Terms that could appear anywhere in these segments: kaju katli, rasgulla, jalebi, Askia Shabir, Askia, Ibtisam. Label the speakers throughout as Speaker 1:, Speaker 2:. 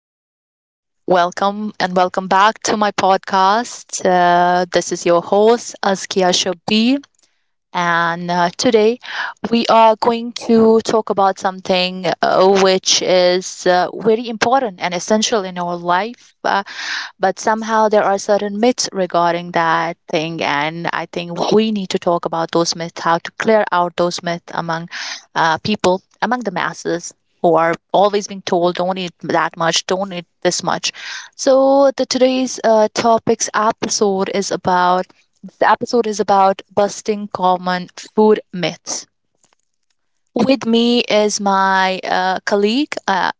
Speaker 1: everyone. Welcome and welcome back to my podcast. This is your host, Askia Shabir. And today we are going to talk about something which is very important and essential in our life. But somehow there are certain myths regarding that thing, and I think we need to talk about those myths, how to clear out those myths among people, among the masses who are always being told, don't eat that much, don't eat this much. So the today's topics episode is about this episode is about busting common food myths. With me is my colleague,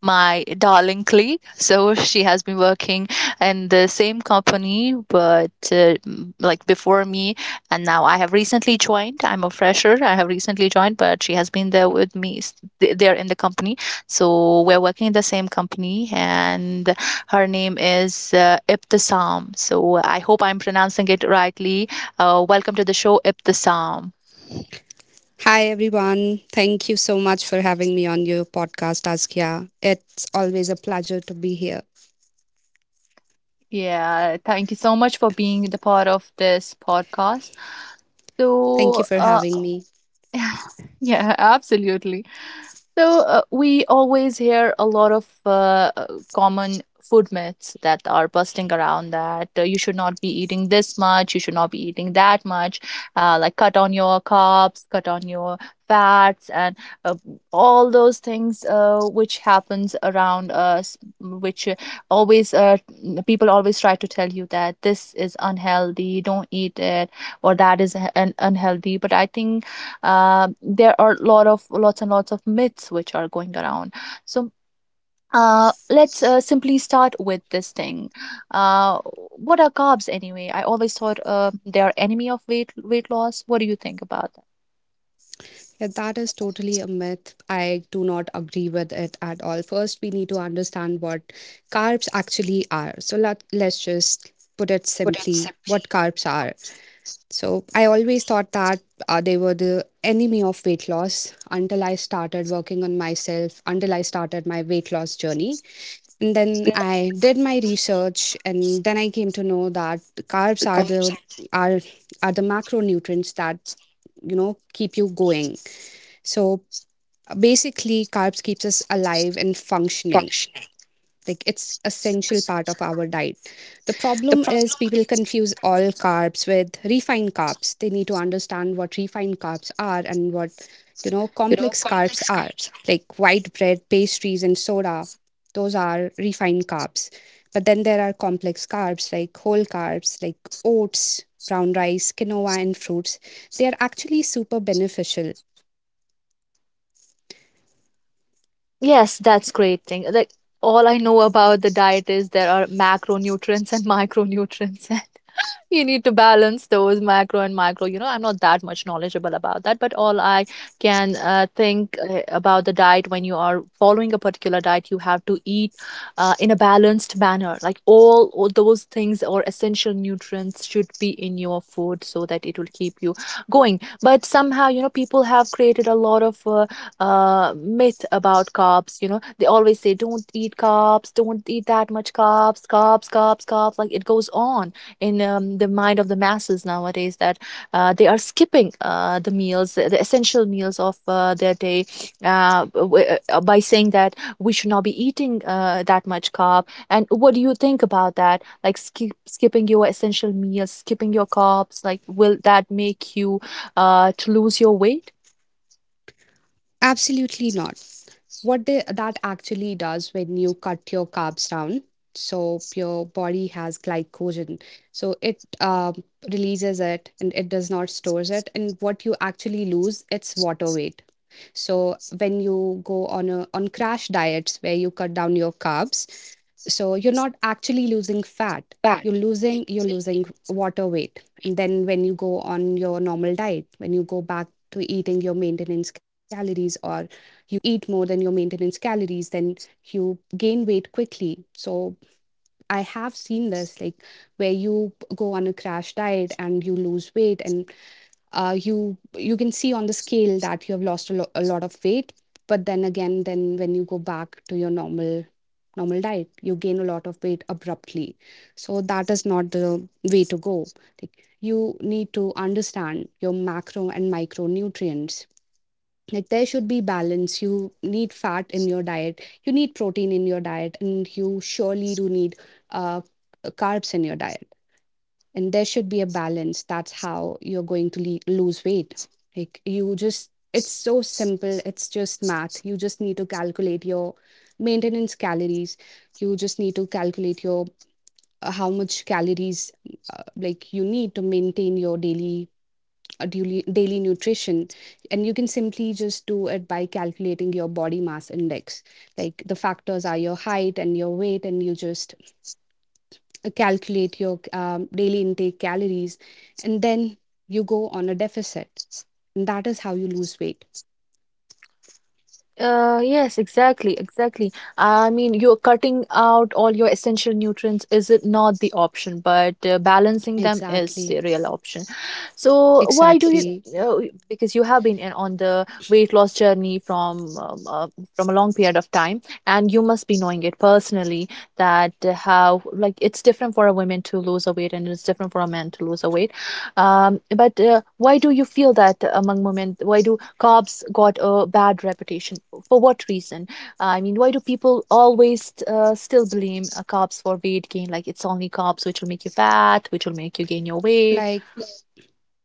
Speaker 1: my darling colleague. So she has been working in the same company, but like before me, and now I have recently joined. I'm a fresher. I have recently joined, but she has been there with me there in the company. So we're working in the same company, and her name is Ibtisam. So I hope I'm pronouncing it rightly. Welcome to the show, Ibtisam.
Speaker 2: Hi, everyone. Thank you so much for having me on your podcast, Askia. It's always a pleasure to be here.
Speaker 1: Yeah, thank you so much for being the part of this podcast.
Speaker 2: Thank
Speaker 1: So,
Speaker 2: you for having me.
Speaker 1: yeah, absolutely. So we always hear a lot of common food myths that are busting around, that you should not be eating this much, you should not be eating that much, like cut on your carbs, cut on your fats, and uh, all those things which happens around us, which always people always try to tell you that this is unhealthy, don't eat it, or that is an unhealthy. But I think there are a lot of lots and lots of myths which are going around. So let's simply start with this thing. Uh, what are carbs anyway? I always thought they are enemy of weight loss. What do you think about that?
Speaker 2: Yeah, that is totally a myth. I do not agree with it at all. First, we need to understand what carbs actually are. So let's just put it simply what carbs are. So I always thought that they were the enemy of weight loss until I started working on myself, until I started my weight loss journey. And then I did my research, and then I came to know that carbs are are the macronutrients that you know keep you going. So basically, carbs keeps us alive and functioning, like it's essential part of our diet. The problem is people confuse all carbs with refined carbs. They need to understand what refined carbs are and what, you know, complex carbs are, like white bread, pastries, and soda. Those are refined carbs, but then there are complex carbs, like whole carbs, like oats, brown rice, quinoa, and fruits. They are actually super beneficial.
Speaker 1: Yes, that's great thing. Like, all I know about the diet is there are macronutrients and micronutrients. You need to balance those macro and micro. You know, I'm not that much knowledgeable about that, but all I can think about the diet. When you are following a particular diet, you have to eat in a balanced manner. Like, all those things or essential nutrients should be in your food so that it will keep you going. But somehow, you know, people have created a lot of myth about carbs. You know, they always say, don't eat carbs, don't eat that much carbs, carbs, carbs, carbs. Like, it goes on in the mind of the masses nowadays that they are skipping the meals, the essential meals of their day, uh, w- by saying that we should not be eating that much carb. And what do you think about that? Like, skipping your essential meals, skipping your carbs, like will that make you to lose your weight?
Speaker 2: Absolutely not. What that actually does when you cut your carbs down, so your body has glycogen, so it releases it and it does not stores it, and what you actually lose, it's water weight. So when you go on a on crash diets where you cut down your carbs, so you're not actually losing fat, you're losing, you're losing water weight. And then when you go on your normal diet, when you go back to eating your maintenance calories, or you eat more than your maintenance calories, then you gain weight quickly. So I have seen this, like where you go on a crash diet and you lose weight, and you can see on the scale that you have lost a lot of weight. But then again, then when you go back to your normal diet, you gain a lot of weight abruptly. So that is not the way to go. Like, you need to understand your macro and micronutrients. Like, there should be balance. You need fat in your diet, you need protein in your diet, and you surely do need uh, carbs in your diet, and there should be a balance. That's how you're going to lose weight. Like, you just, it's so simple, it's just math. You just need to calculate your maintenance calories. You just need to calculate your how much calories like you need to maintain your daily, a daily, daily nutrition. And you can simply just do it by calculating your body mass index. Like, the factors are your height and your weight, and you just calculate your daily intake calories, and then you go on a deficit, and that is how you lose weight.
Speaker 1: Yes, exactly, exactly. I mean, you're cutting out all your essential nutrients is it not the option, but balancing them is the
Speaker 2: Exactly,
Speaker 1: real option. So why do you?
Speaker 2: exactly.
Speaker 1: Exactly. Because you have been in, on the weight loss journey from a long period of time, and you must be knowing it personally that how like it's different for a woman to lose a weight, and it's different for a man to lose a weight. But why do you feel that among women? Why do carbs got a bad reputation, for what reason? I mean, why do people always still blame carbs for weight gain? Like, it's only carbs which will make you fat, which will make you gain your weight.
Speaker 2: Like,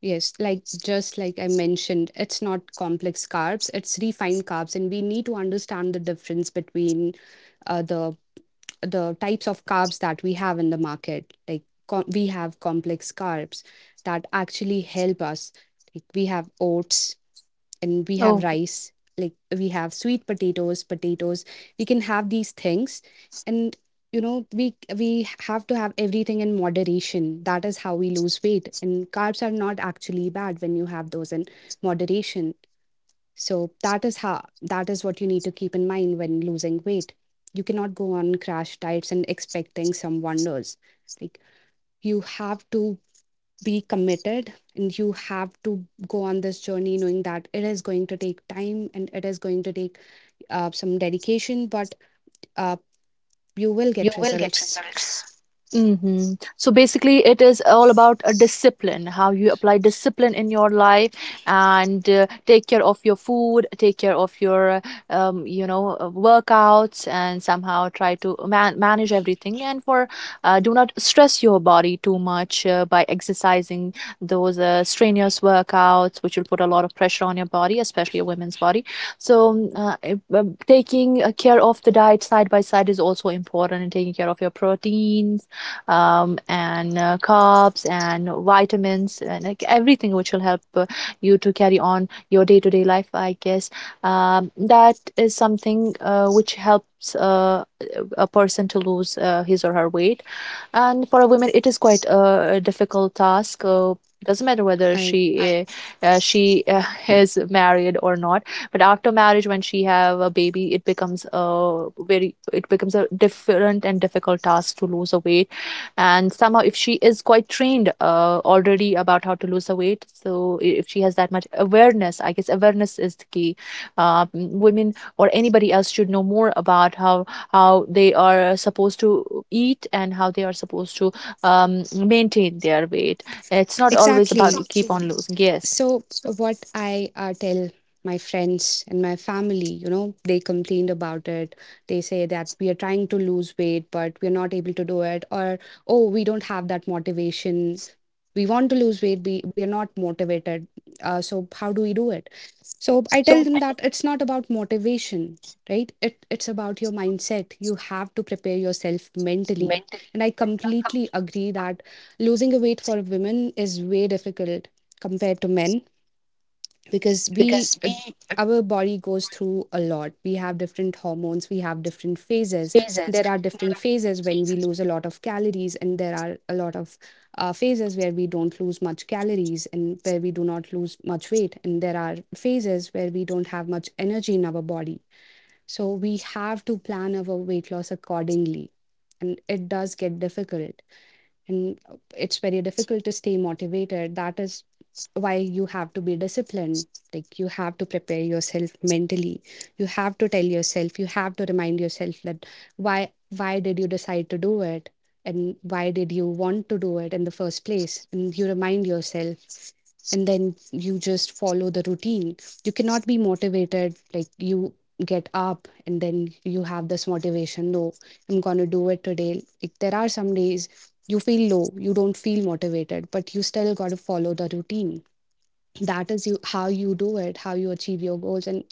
Speaker 2: yes, like, just like I mentioned, it's not complex carbs, it's refined carbs, and we need to understand the difference between uh, the the types of carbs that we have in the market. Like, we have complex carbs that actually help us. Like, we have oats, and we have rice, like we have sweet potatoes, potatoes. We can have these things. And you know, we have to have everything in moderation. That is how we lose weight, and carbs are not actually bad when you have those in moderation. So that is how, that is what you need to keep in mind when losing weight. You cannot go on crash diets and expecting some wonders. Like, you have to be committed, and you have to go on this journey knowing that it is going to take time and it is going to take some dedication, but uh, you will get results.
Speaker 1: Mhm. So basically, it is all about a discipline, how you apply discipline in your life, and take care of your food, take care of your, you know, workouts, and somehow try to manage everything. And for do not stress your body too much by exercising those strenuous workouts, which will put a lot of pressure on your body, especially a woman's body. So taking care of the diet side by side is also important, and taking care of your proteins and carbs and vitamins and like everything which will help you to carry on your day-to-day life, I guess. That is something which helps a person to lose his or her weight. And for a woman, it is quite a difficult task. Doesn't matter whether
Speaker 2: I
Speaker 1: she is married or not. But after marriage, when she have a baby, it becomes a different and difficult task to lose a weight. And somehow, if she is quite trained already about how to lose a weight, so if she has that much awareness, I guess awareness is the key. Women or anybody else should know more about how they are supposed to eat and how they are supposed to maintain their weight. It's not always about
Speaker 2: Exactly.
Speaker 1: keep on losing. Yes.
Speaker 2: So, what I tell my friends and my family, you know, they complained about it. They say that we are trying to lose weight, but we're not able to do it. Or, oh, we don't have that motivation. We want to lose weight, but we are not motivated. So, how do we do it? So, I tell them that it's not about motivation, right, it's about your mindset. You have to prepare yourself mentally, and I completely agree that losing a weight for women is way difficult compared to men, because we our body goes through a lot. We have different hormones, we have different phases. There are different phases when we lose a lot of calories, and there are a lot of phases where we don't lose much calories and where we do not lose much weight, and there are phases where we don't have much energy in our body. So we have to plan our weight loss accordingly. And it does get difficult. And it's very difficult to stay motivated. That is why you have to be disciplined. Like, you have to prepare yourself mentally. You have to tell yourself, you have to remind yourself that why did you decide to do it? And why did you want to do it in the first place? And you remind yourself, and then you just follow the routine. You cannot be motivated. Like, you get up and then you have this motivation. No, I'm going to do it today. Like, there are some days you feel low, you don't feel motivated, but you still got to follow the routine. That is you how you do it, how you achieve your goals. And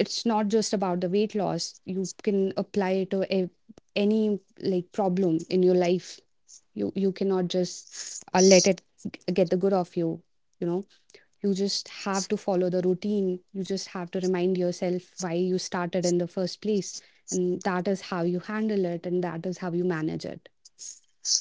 Speaker 2: it's not just about the weight loss, you can apply it to any, like, problem in your life. You cannot just let it get the good of you, you know. You just have to follow the routine. You just have to remind yourself why you started in the first place. And that is how you handle it, and that is how you manage it.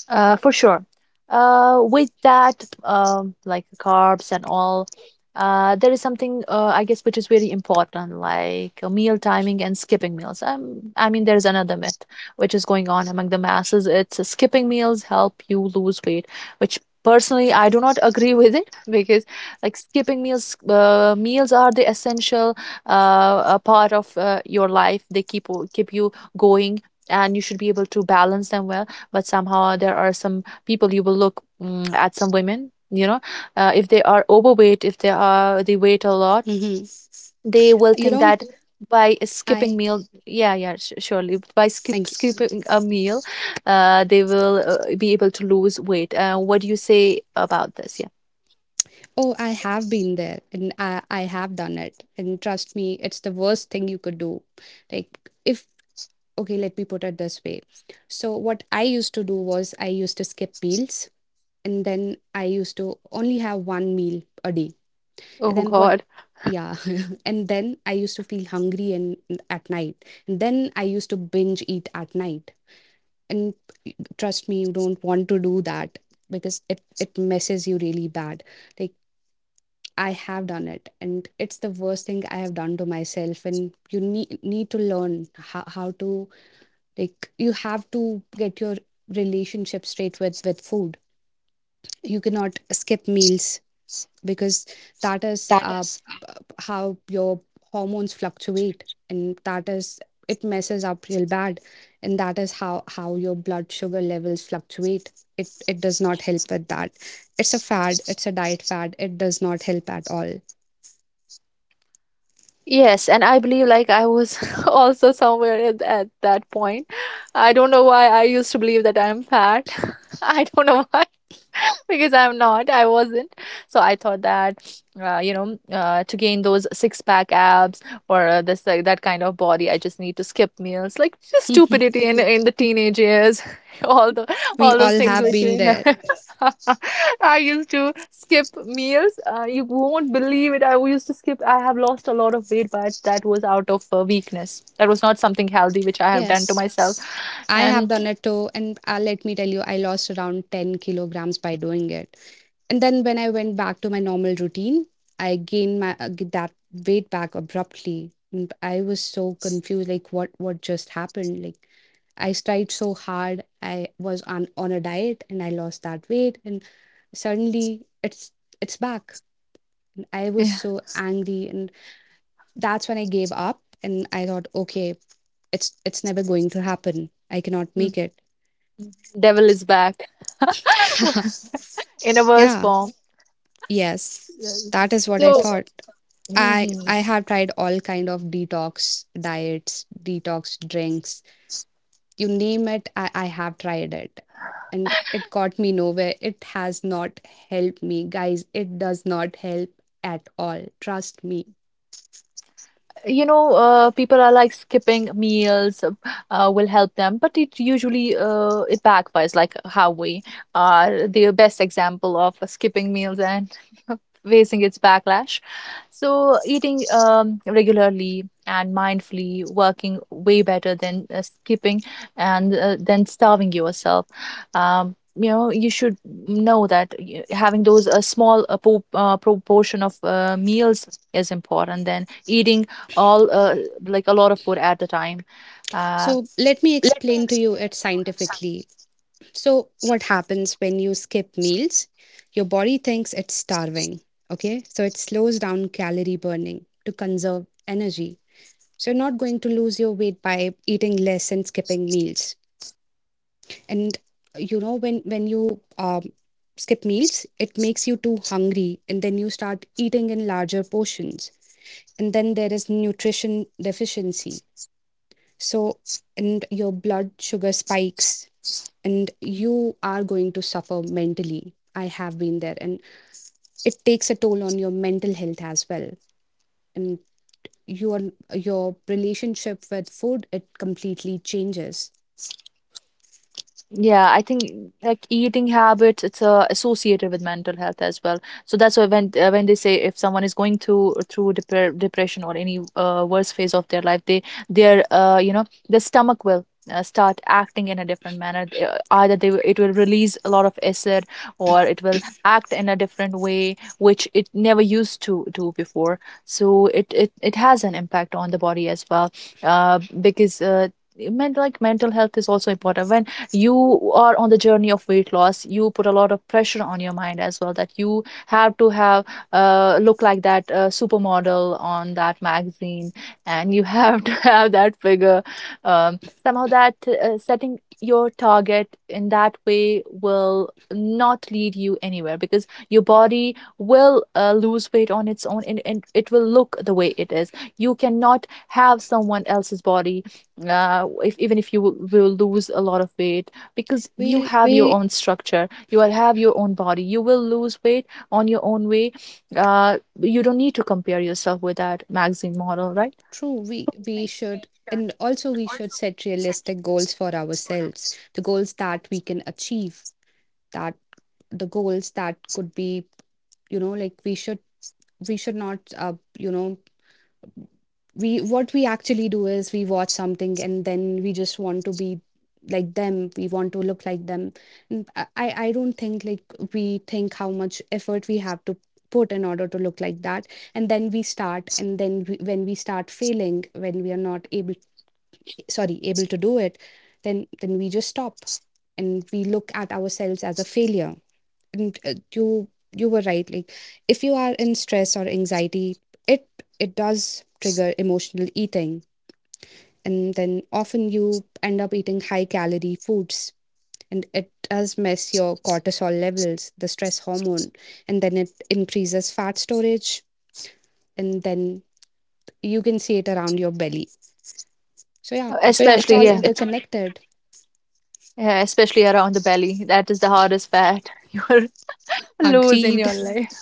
Speaker 1: For sure. With that, like, carbs and all, there is something I guess which is very important, like meal timing and skipping meals. I mean, there's another myth which is going on among the masses. It's skipping meals help you lose weight, which personally I do not agree with it, because like meals are the essential part of your life. They keep you going, and you should be able to balance them well. But somehow, there are some people, you will look, at some women, if they are overweight, if they are, they weight a lot,
Speaker 2: Hmm.
Speaker 1: they will
Speaker 2: You
Speaker 1: think
Speaker 2: know,
Speaker 1: that by
Speaker 2: I
Speaker 1: skipping meal, surely by skip
Speaker 2: thank you.
Speaker 1: skipping a meal, they will be able to lose weight. What do you say about this? Yeah.
Speaker 2: Oh, I have been there and I have done it. And trust me, it's the worst thing you could do. Like, if, okay, let me put it this way. So, what I used to do was I used to skip meals, and then I used to only have one meal a day. And
Speaker 1: Oh
Speaker 2: then what?
Speaker 1: god.
Speaker 2: Yeah. and then I used to feel hungry and at night, and then I used to binge eat at night. And trust me, you don't want to do that because it messes you really bad. Like, I have done it and it's the worst thing I have done to myself, and you need to learn how to, like, you have to get your relationship straight with food. You cannot skip meals because that is how your hormones fluctuate, and that is, it messes up real bad. And that is how your blood sugar levels fluctuate. It does not help with that. It's a fad, it's a diet fad, it does not help at all.
Speaker 1: Yes, and I believe like I was also somewhere at that point. I don't know why I used to believe that I'm fat. I don't know why, because I'm not, I wasn't. So I thought that, to gain those six pack abs, or this like that kind of body, I just need to skip meals, like just stupidity in the teenage years, all the
Speaker 2: We
Speaker 1: all those
Speaker 2: all
Speaker 1: things
Speaker 2: have
Speaker 1: which
Speaker 2: been
Speaker 1: you-
Speaker 2: there.
Speaker 1: I used to skip meals. You won't believe it. I used to skip. I have lost a lot of weight, but that was out of weakness. That was not something healthy which I have done to
Speaker 2: Yes,
Speaker 1: myself.
Speaker 2: I have
Speaker 1: And
Speaker 2: done it too, and let me tell you, I lost around 10 kilograms by doing it. And then when I went back to my normal routine, I gained my that weight back abruptly. And I was so confused, like, what just happened? Like, I tried so hard. I was on a diet and I lost that weight, and suddenly it's back. I was
Speaker 1: yeah,
Speaker 2: so angry, and that's when I gave up. And I thought, okay, it's never going to happen. I cannot
Speaker 1: mm,
Speaker 2: make it.
Speaker 1: devil is back in a worse
Speaker 2: yeah.
Speaker 1: form.
Speaker 2: Yes. That is what I thought.
Speaker 1: 就嗯
Speaker 2: I
Speaker 1: 哼，
Speaker 2: I have tried all kind of detox diets, detox drinks, you name it, I have tried it. And it got me nowhere. It has not helped me. Guys, it does not help at all. Trust me.
Speaker 1: you know, people are like skipping meals will help them, but it usually, it backfires. Like, how we are the best example of skipping meals and facing its backlash. So eating regularly and mindfully working way better than skipping and then starving yourself. You know, you should know that having those a small proportion of meals is important than eating all like a lot of food at the time. Uh,
Speaker 2: So let me explain to you it scientifically. So what happens when you skip meals? Your body thinks it's starving. Okay. So it slows down calorie burning to conserve energy. So you're not going to lose your weight by eating less and skipping meals. And you know, when you skip meals, it makes you too hungry, and then you start eating in larger portions. And then there is nutrition deficiency. So, and your blood sugar spikes, and you are going to suffer mentally. I have been there, and it takes a toll on your mental health as well. And your your relationship with food, it completely changes.
Speaker 1: Yeah, I think like eating habits, it's associated with mental health as well. So that's why when they say if someone is going through depression or any worse phase of their life, they their their stomach will start acting in a different manner. Either it will release a lot of acid, or it will act in a different way which it never used to do before. So it has an impact on the body as well, because mental health is also important when you are on the journey of weight loss. You put a lot of pressure on your mind as well, that you have to have look like that supermodel on that magazine, and you have to have that figure. Somehow that setting your target in that way will not lead you anywhere, because your body will lose weight on its own, and it will look the way it is. You cannot have someone else's body if even if you will lose a lot of weight, because you
Speaker 2: We
Speaker 1: have your own structure, you are, have your own body, you will lose weight on your own way. You don't need to compare yourself with that magazine model, right?
Speaker 2: True, we should, and also we should set realistic goals for ourselves, the goals that we can achieve, that the goals that could be, you know, like, we should, we should not, you know, we, what we actually do is we watch something and then we just want to be like them, we want to look like them. And I don't think how much effort we have to put in order to look like that. And then we start, and then when we start failing, when we are not able, sorry, able to do it, then we just stop and we look at ourselves as a failure. And you, you were right, like if you are in stress or anxiety, it it does trigger emotional eating, and then often you end up eating high calorie foods. And it does mess your cortisol levels, the stress hormone, and then it increases fat storage, and then you can see it around your belly. So yeah,
Speaker 1: Yeah,
Speaker 2: it's
Speaker 1: especially
Speaker 2: all
Speaker 1: yeah
Speaker 2: interconnected.
Speaker 1: yeah especially around the belly. That is the hardest fat you will lose in
Speaker 2: Agreed.
Speaker 1: your life.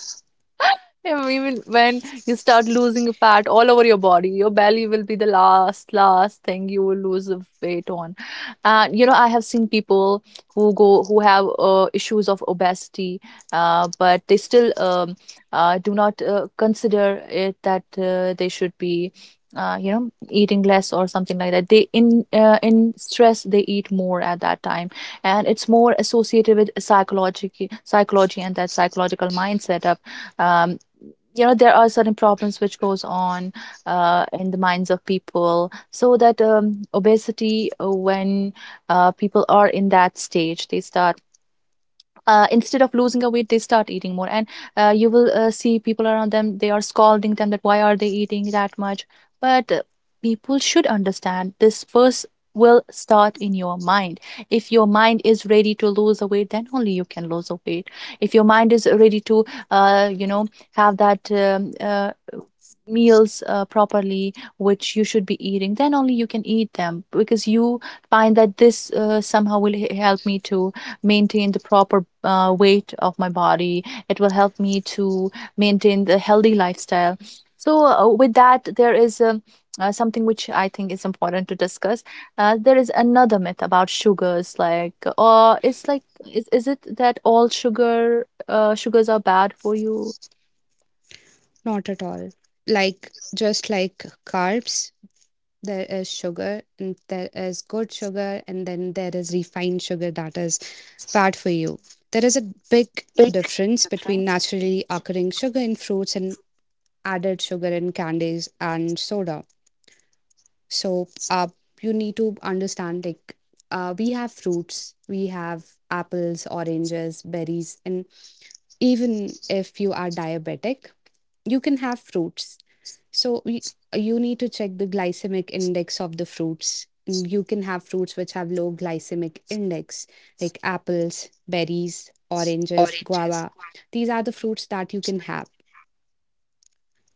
Speaker 1: And even when you start losing fat all over your body, your belly will be the last, last thing you will lose of weight on. And you know, I have seen people who have issues of obesity, but they still do not consider it that they should be. You know, eating less or something like that. They in stress they eat more at that time, and it's more associated with psychology, and that psychological mindset of um, you know, there are certain problems which goes on in the minds of people. So that obesity, when people are in that stage, they start instead of losing a weight, they start eating more. And you will see people around them, they are scolding them, that why are they eating that much. But people should understand this first will start in your mind. If your mind is ready to lose a weight, then only you can lose a weight. If your mind is ready to you know, have that meals properly, which you should be eating, then only you can eat them, because you find that this somehow will help me to maintain the proper weight of my body. It will help me to maintain the healthy lifestyle. So, with that, there is something which I think is important to discuss. There is another myth about sugars, like, it's like, is it that all sugar, sugars are bad for you?
Speaker 2: Not at all. Like, just like carbs, there is sugar, and there is good sugar, and then there is refined sugar that is bad for you. There is a big difference between naturally occurring sugar in fruits and added sugar in candies and soda. So, you need to understand, like, we have fruits, we have apples, oranges, berries, and even if you are diabetic, you can have fruits. So you need to check the glycemic index of the fruits. You can have fruits which have low glycemic index, like apples, berries, oranges, guava. These are the fruits that you can have.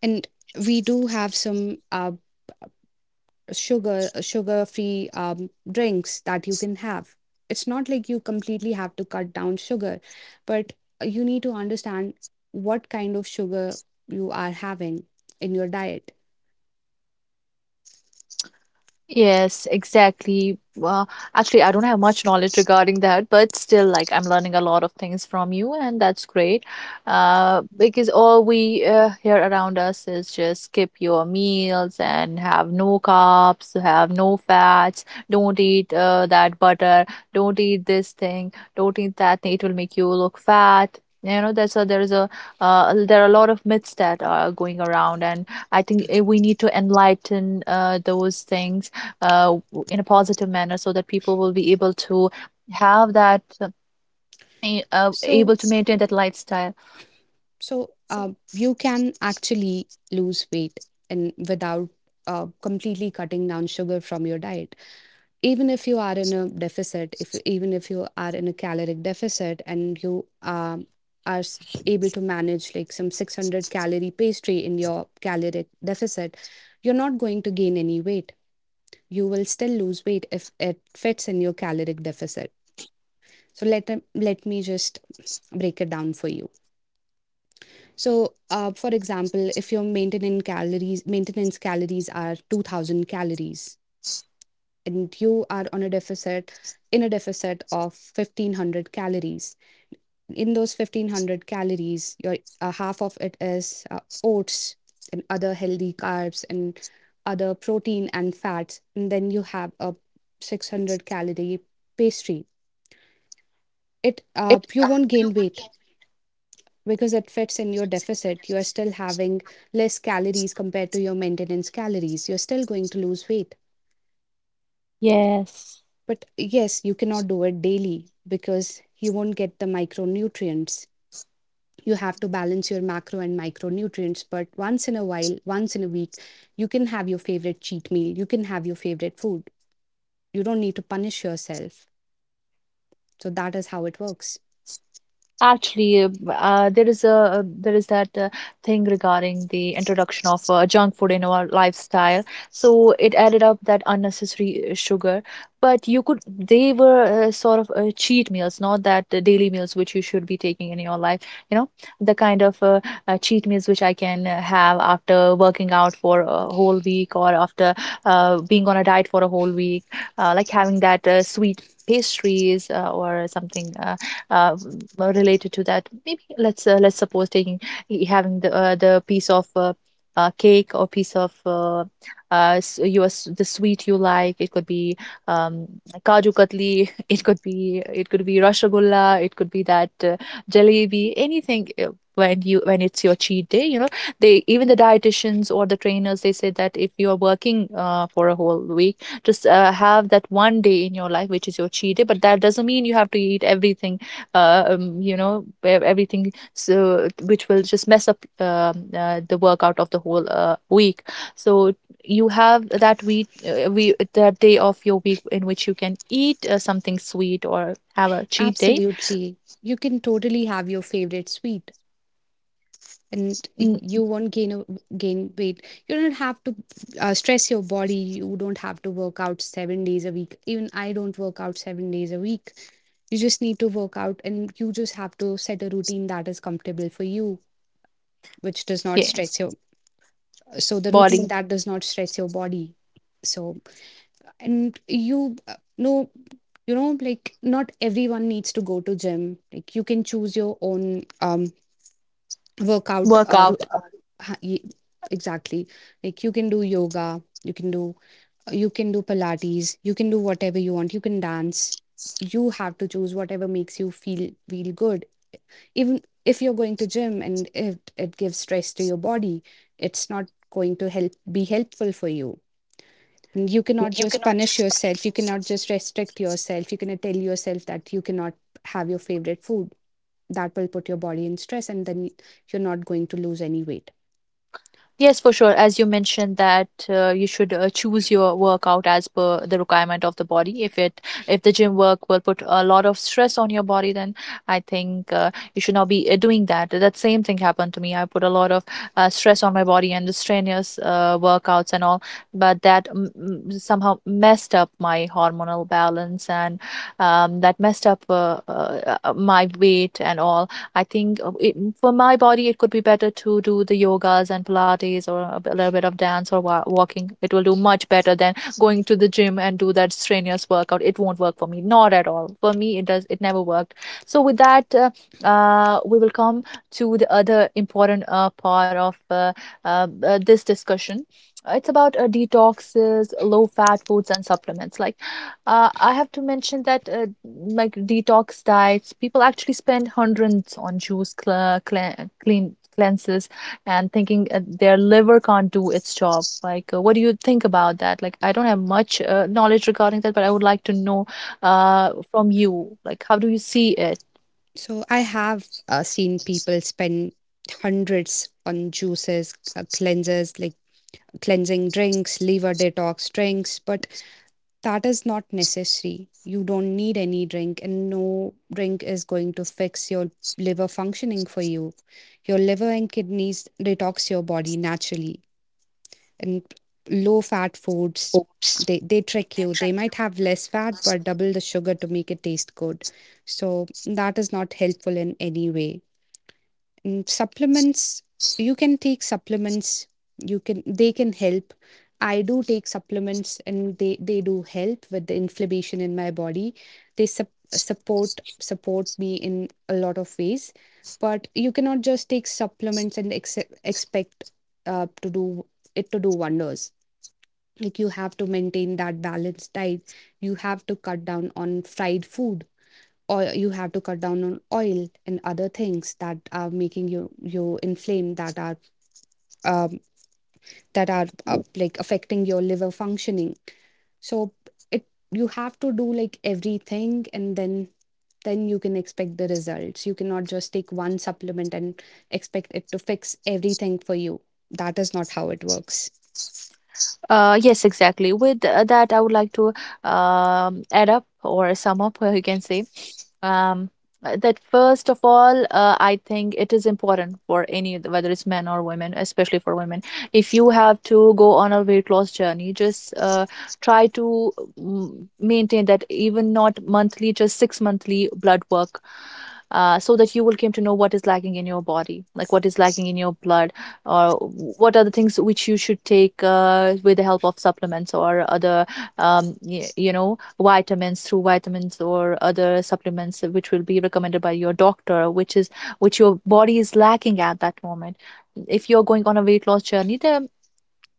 Speaker 2: And we do have some sugar free drinks that you can have. It's not like you completely have to cut down sugar, but you need to understand what kind of sugar you are having in your diet.
Speaker 1: Yes, exactly. Well, actually, I don't have much knowledge regarding that, but still, like, I'm learning a lot of things from you, and that's great. Because all we hear around us is just skip your meals and have no carbs, have no fats, don't eat that butter, don't eat this thing, don't eat that thing, it will make you look fat. You know, that's a, there is a there are a lot of myths that are going around, and I think we need to enlighten those things in a positive manner, so that people will be able to have that
Speaker 2: So,
Speaker 1: able to maintain that lifestyle.
Speaker 2: you can actually lose weight and without completely cutting down sugar from your diet. Even if you are in a deficit, if even if you are in a caloric deficit and you are able to manage, like, some 600 calorie pastry in your caloric deficit, you're not going to gain any weight. You will still lose weight if it fits in your caloric deficit. So let me just break it down for you. So, for example, if your maintenance calories are 2000 calories and you are on a deficit in a deficit of 1500 calories. In those 1500 calories, your half of it is oats and other healthy carbs, and other protein and fats, and then you have a 600 calorie pastry. It You won't gain weight because it fits in your deficit. You are still having less calories compared to your maintenance calories. You're still going to lose weight.
Speaker 1: Yes.
Speaker 2: But yes, you cannot do it daily because you won't get the micronutrients. You have to balance your macro and micronutrients. But once in a while, once in a week, you can have your favorite cheat meal, you can have your favorite food. You don't need to punish yourself. So that is how it works.
Speaker 1: Actually, there is that thing regarding the introduction of junk food in our lifestyle. So it added up that unnecessary sugar. But you could, they were sort of cheat meals, not that daily meals which you should be taking in your life. You know, the kind of cheat meals which I can have after working out for a whole week, or after being on a diet for a whole week, like having that sweet pastries or something. Uh, Related to that, maybe let's suppose taking, having the piece of cake, or piece of uh, your, the sweet you like. It could be um, kaju katli, it could be, it could be rasgulla, it could be that jalebi, anything. When you, when it's your cheat day, you know, they, even the dietitians or the trainers, they say that if you are working for a whole week, just have that one day in your life which is your cheat day. But that doesn't mean you have to eat everything, you know, everything. So which will just mess up the workout of the whole week. So you have that week we that day of your week in which you can eat something sweet or have a cheat day.
Speaker 2: Absolutely. You can totally have your favorite sweet, and
Speaker 1: Mm,
Speaker 2: you won't gain weight. You don't have to stress your body. You don't have to work out 7 days a week. Even I don't work out 7 days a week. You just need to work out, and you just have to set a routine that is comfortable for you, which does not
Speaker 1: yeah,
Speaker 2: stress your... So the routine
Speaker 1: body
Speaker 2: that does not stress your body. So, and you know, like, not everyone needs to go to gym. Like, you can choose your own um workout
Speaker 1: workout.
Speaker 2: ha- y- exactly. Like, you can do yoga, you can do, you can do pilates, you can do whatever you want, you can dance. You have to choose whatever makes you feel good. Even if you're going to gym and if it gives stress to your body, it's not going to help be helpful for you. You cannot just punish yourself, you cannot just restrict yourself, you cannot tell yourself that you cannot have your favorite food. That will put your body in stress, and then you're not going to lose any weight.
Speaker 1: Yes, for sure. As you mentioned that you should choose your workout as per the requirement of the body. If it, if the gym work will put a lot of stress on your body, then I think you should not be doing that. That same thing happened to me. I put a lot of stress on my body and the strenuous workouts and all, but that somehow messed up my hormonal balance, and that messed up my weight and all. I think it, for my body, it could be better to do the yogas and Pilates, or a, a little bit of dance or walking. It will do much better than going to the gym and do that strenuous workout. It won't work for me, not at all. For me, it does. It never worked. So with that, we will come to the other important part of this discussion. It's about detoxes, low fat foods, and supplements. Like, I have to mention that like detox diets, people actually spend hundreds on juice cle cle clean cleanses, and thinking their liver can't do its job. Like, what do you think about that? Like, I don't have much knowledge regarding that, but I would like to know from you. Like, how do you see it?
Speaker 2: So I have seen people spend hundreds on juices, cleansers, like cleansing drinks, liver detox drinks, but that is not necessary. You don't need any drink, and no drink is going to fix your liver functioning for you. Your liver and kidneys detox your body naturally. And low fat foods, they trick you. They might have less fat, but double the sugar to make it taste good. So, that is not helpful in any way. Mm, supplements, you can take supplements, you can they can help. I do take supplements, and they do help with the inflammation in my body. They support me in a lot of ways. But you cannot just take supplements and expect to do wonders. Like, you have to maintain that balanced diet, you have to cut down on fried food, or you have to cut down on oil and other things that are making you inflame, um, that are like, affecting your liver functioning. So it you have to do, like, everything, and then you can expect the results. You cannot just take one supplement and expect it to fix everything for you. That is not how it works.
Speaker 1: Yes, exactly. With that, I would like to add up or sum up, you can say. um, that first of all, I think it is important for any, whether it's men or women, especially for women. If you have to go on a weight loss journey, just try to maintain that, even not monthly, just six monthly blood work. So that you will come to know what is lacking in your body, like what is lacking in your blood, or what are the things which you should take with the help of supplements or other, you know, vitamins, through vitamins or other supplements which will be recommended by your doctor, which is which your body is lacking at that moment. If you're going on a weight loss journey there,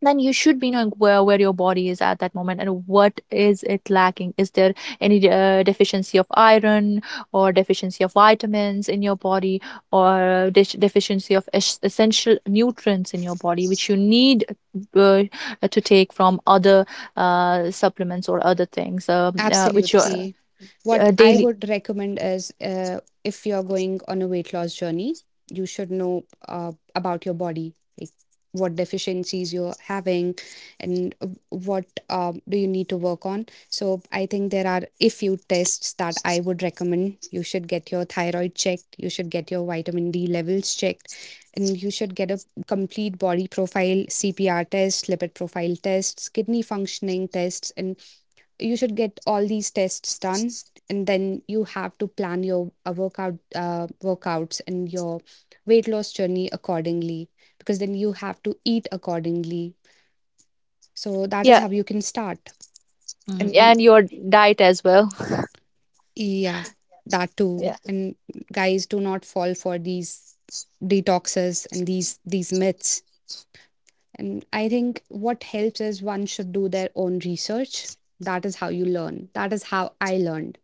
Speaker 1: then you should be knowing where your body is at that moment and what is it lacking. Is there any deficiency of iron, or deficiency of vitamins in your body, or deficiency of essential nutrients in your body which you need uh, to take from other supplements or other things, which your
Speaker 2: Absolutely. What I
Speaker 1: daily.
Speaker 2: would recommend is, if you're going on a weight loss journey, you should know about your body, like, what deficiencies you're having, and what, do you need to work on. So I think there are a few tests that I would recommend. You should get your thyroid checked, you should get your vitamin D levels checked, and you should get a complete body profile, CPR test, lipid profile tests, kidney functioning tests, and you should get all these tests done, and then you have to plan your workouts and your weight loss journey accordingly, because then you have to eat accordingly. So that is
Speaker 1: Yeah,
Speaker 2: how you can start. And
Speaker 1: and your diet as well.
Speaker 2: yeah, that too. And guys, do not fall for these detoxes and these myths. And I think what helps is one should do their own research. That is how you learn, that is how I learned.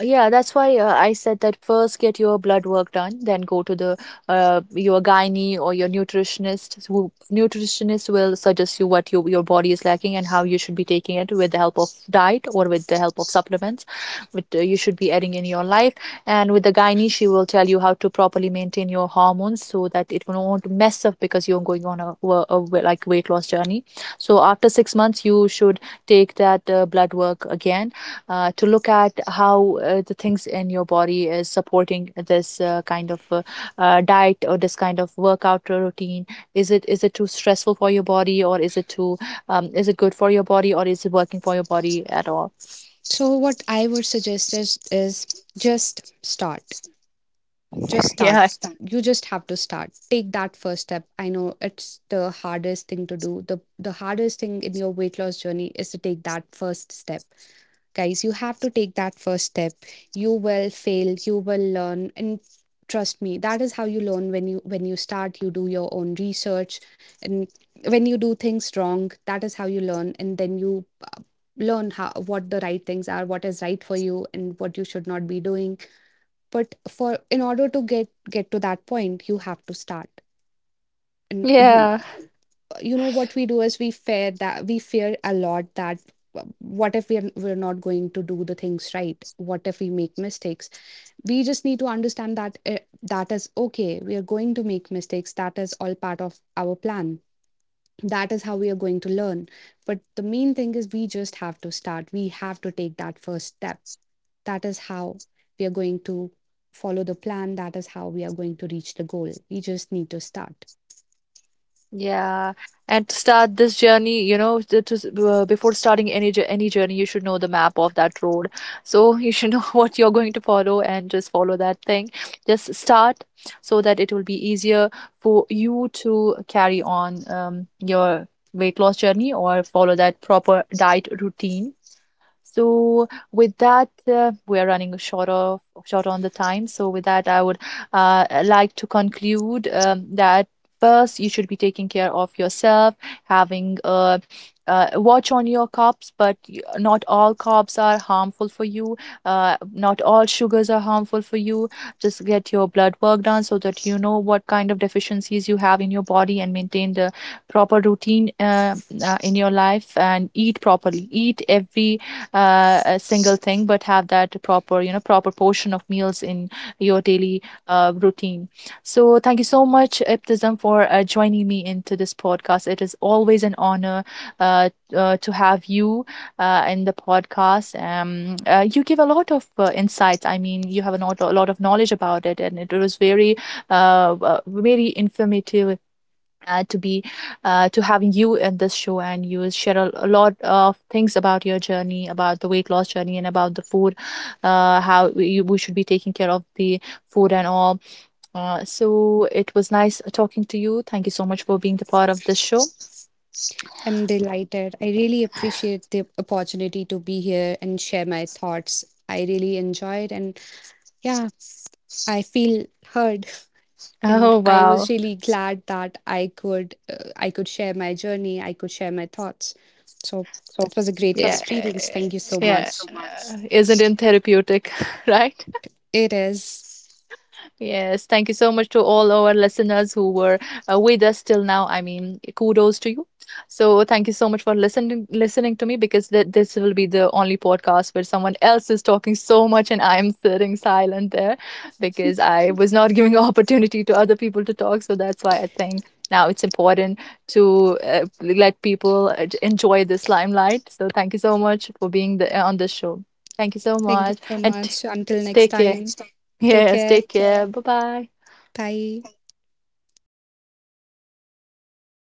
Speaker 1: Yeah, that's why I said that first get your blood work done, then go to the your gynae or your nutritionist. Who, nutritionist will suggest you what your body is lacking and how you should be taking it with the help of diet or with the help of supplements, which you should be adding in your life. And with the gynae, she will tell you how to properly maintain your hormones so that it won't mess up, because you're going on a like weight loss journey. So after 6 months, you should take that blood work again to look at how the things in your body is supporting this kind of diet or this kind of workout routine. Is it too stressful for your body, or is it too is it good for your body, or is it working for your body at all?
Speaker 2: So what I would suggest is, just start. Just start.
Speaker 1: Yeah,
Speaker 2: You just have to start. Take that first step. I know it's the hardest thing to do. The hardest thing in your weight loss journey is to take that first step. Guys, you have to take that first step. You will fail, you will learn, and trust me, that is how you learn. When you, start, you do your own research. And when you do things wrong, that is how you learn, and then you learn how what the right things are, what is right for you, and what you should not be doing. But for, in order to get to that point, you have to start. And
Speaker 1: yeah.
Speaker 2: you know what we do is we fear, that we fear a lot, that what if we're not going to do the things right, what if we make mistakes. We just need to understand that that is okay, we are going to make mistakes, that is all part of our plan, that is how we are going to learn. But the main thing is, we just have to start, we have to take that first step. That is how we are going to follow the plan. That is how we are going to reach the goal. We just need to start.
Speaker 1: Yeah, and to start this journey, you know, before starting any journey, you should know the map of that road. So you should know what you're going to follow and just follow that thing. Just start, so that it will be easier for you to carry on your weight loss journey or follow that proper diet routine. So with that, we are running short on the time. So with that, I would like to conclude that first you should be taking care of yourself, having a, uh, watch on your carbs, but not all carbs are harmful for you. Not all sugars are harmful for you. Just get your blood work done so that you know what kind of deficiencies you have in your body, and maintain the proper routine in your life and eat properly. Eat every a single thing, but have that proper, you know, proper portion of meals in your daily routine. So thank you so much, ibtism, for joining me into this podcast. It is always an honor uh, to have you in the podcast. You give a lot of insights. I mean, you have a lot of knowledge about it, and it was very very informative to be to having you in this show. And you will share a lot of things about your journey, about the weight loss journey, and about the food, how we, we should be taking care of the food and all. So it was nice talking to you. Thank you so much for being the part of this show.
Speaker 2: I'm delighted. I really appreciate the opportunity to be here and share my thoughts. I really enjoyed, and yeah, I feel heard. And
Speaker 1: Oh,
Speaker 2: I
Speaker 1: wow.
Speaker 2: was really glad that I could, I could share my journey, I could share my thoughts. So it was a great
Speaker 1: Yeah,
Speaker 2: experience. Thank you so
Speaker 1: yeah.
Speaker 2: much.
Speaker 1: Isn't it therapeutic? Right?
Speaker 2: It is.
Speaker 1: Yes, thank you so much to all our listeners who were with us till now. I mean, kudos to you. So thank you so much for listening to me, because this will be the only podcast where someone else is talking so much and I am sitting silent there, because I was not giving opportunity to other people to talk. So that's why I think now it's important to let people enjoy this limelight. So thank you so much for being the, on the show. Thank you so
Speaker 2: Thank you
Speaker 1: much,
Speaker 2: so
Speaker 1: and
Speaker 2: much. Until next
Speaker 1: take care.
Speaker 2: time. Take
Speaker 1: Yes,
Speaker 2: care.
Speaker 1: take care. Bye bye.
Speaker 2: Bye.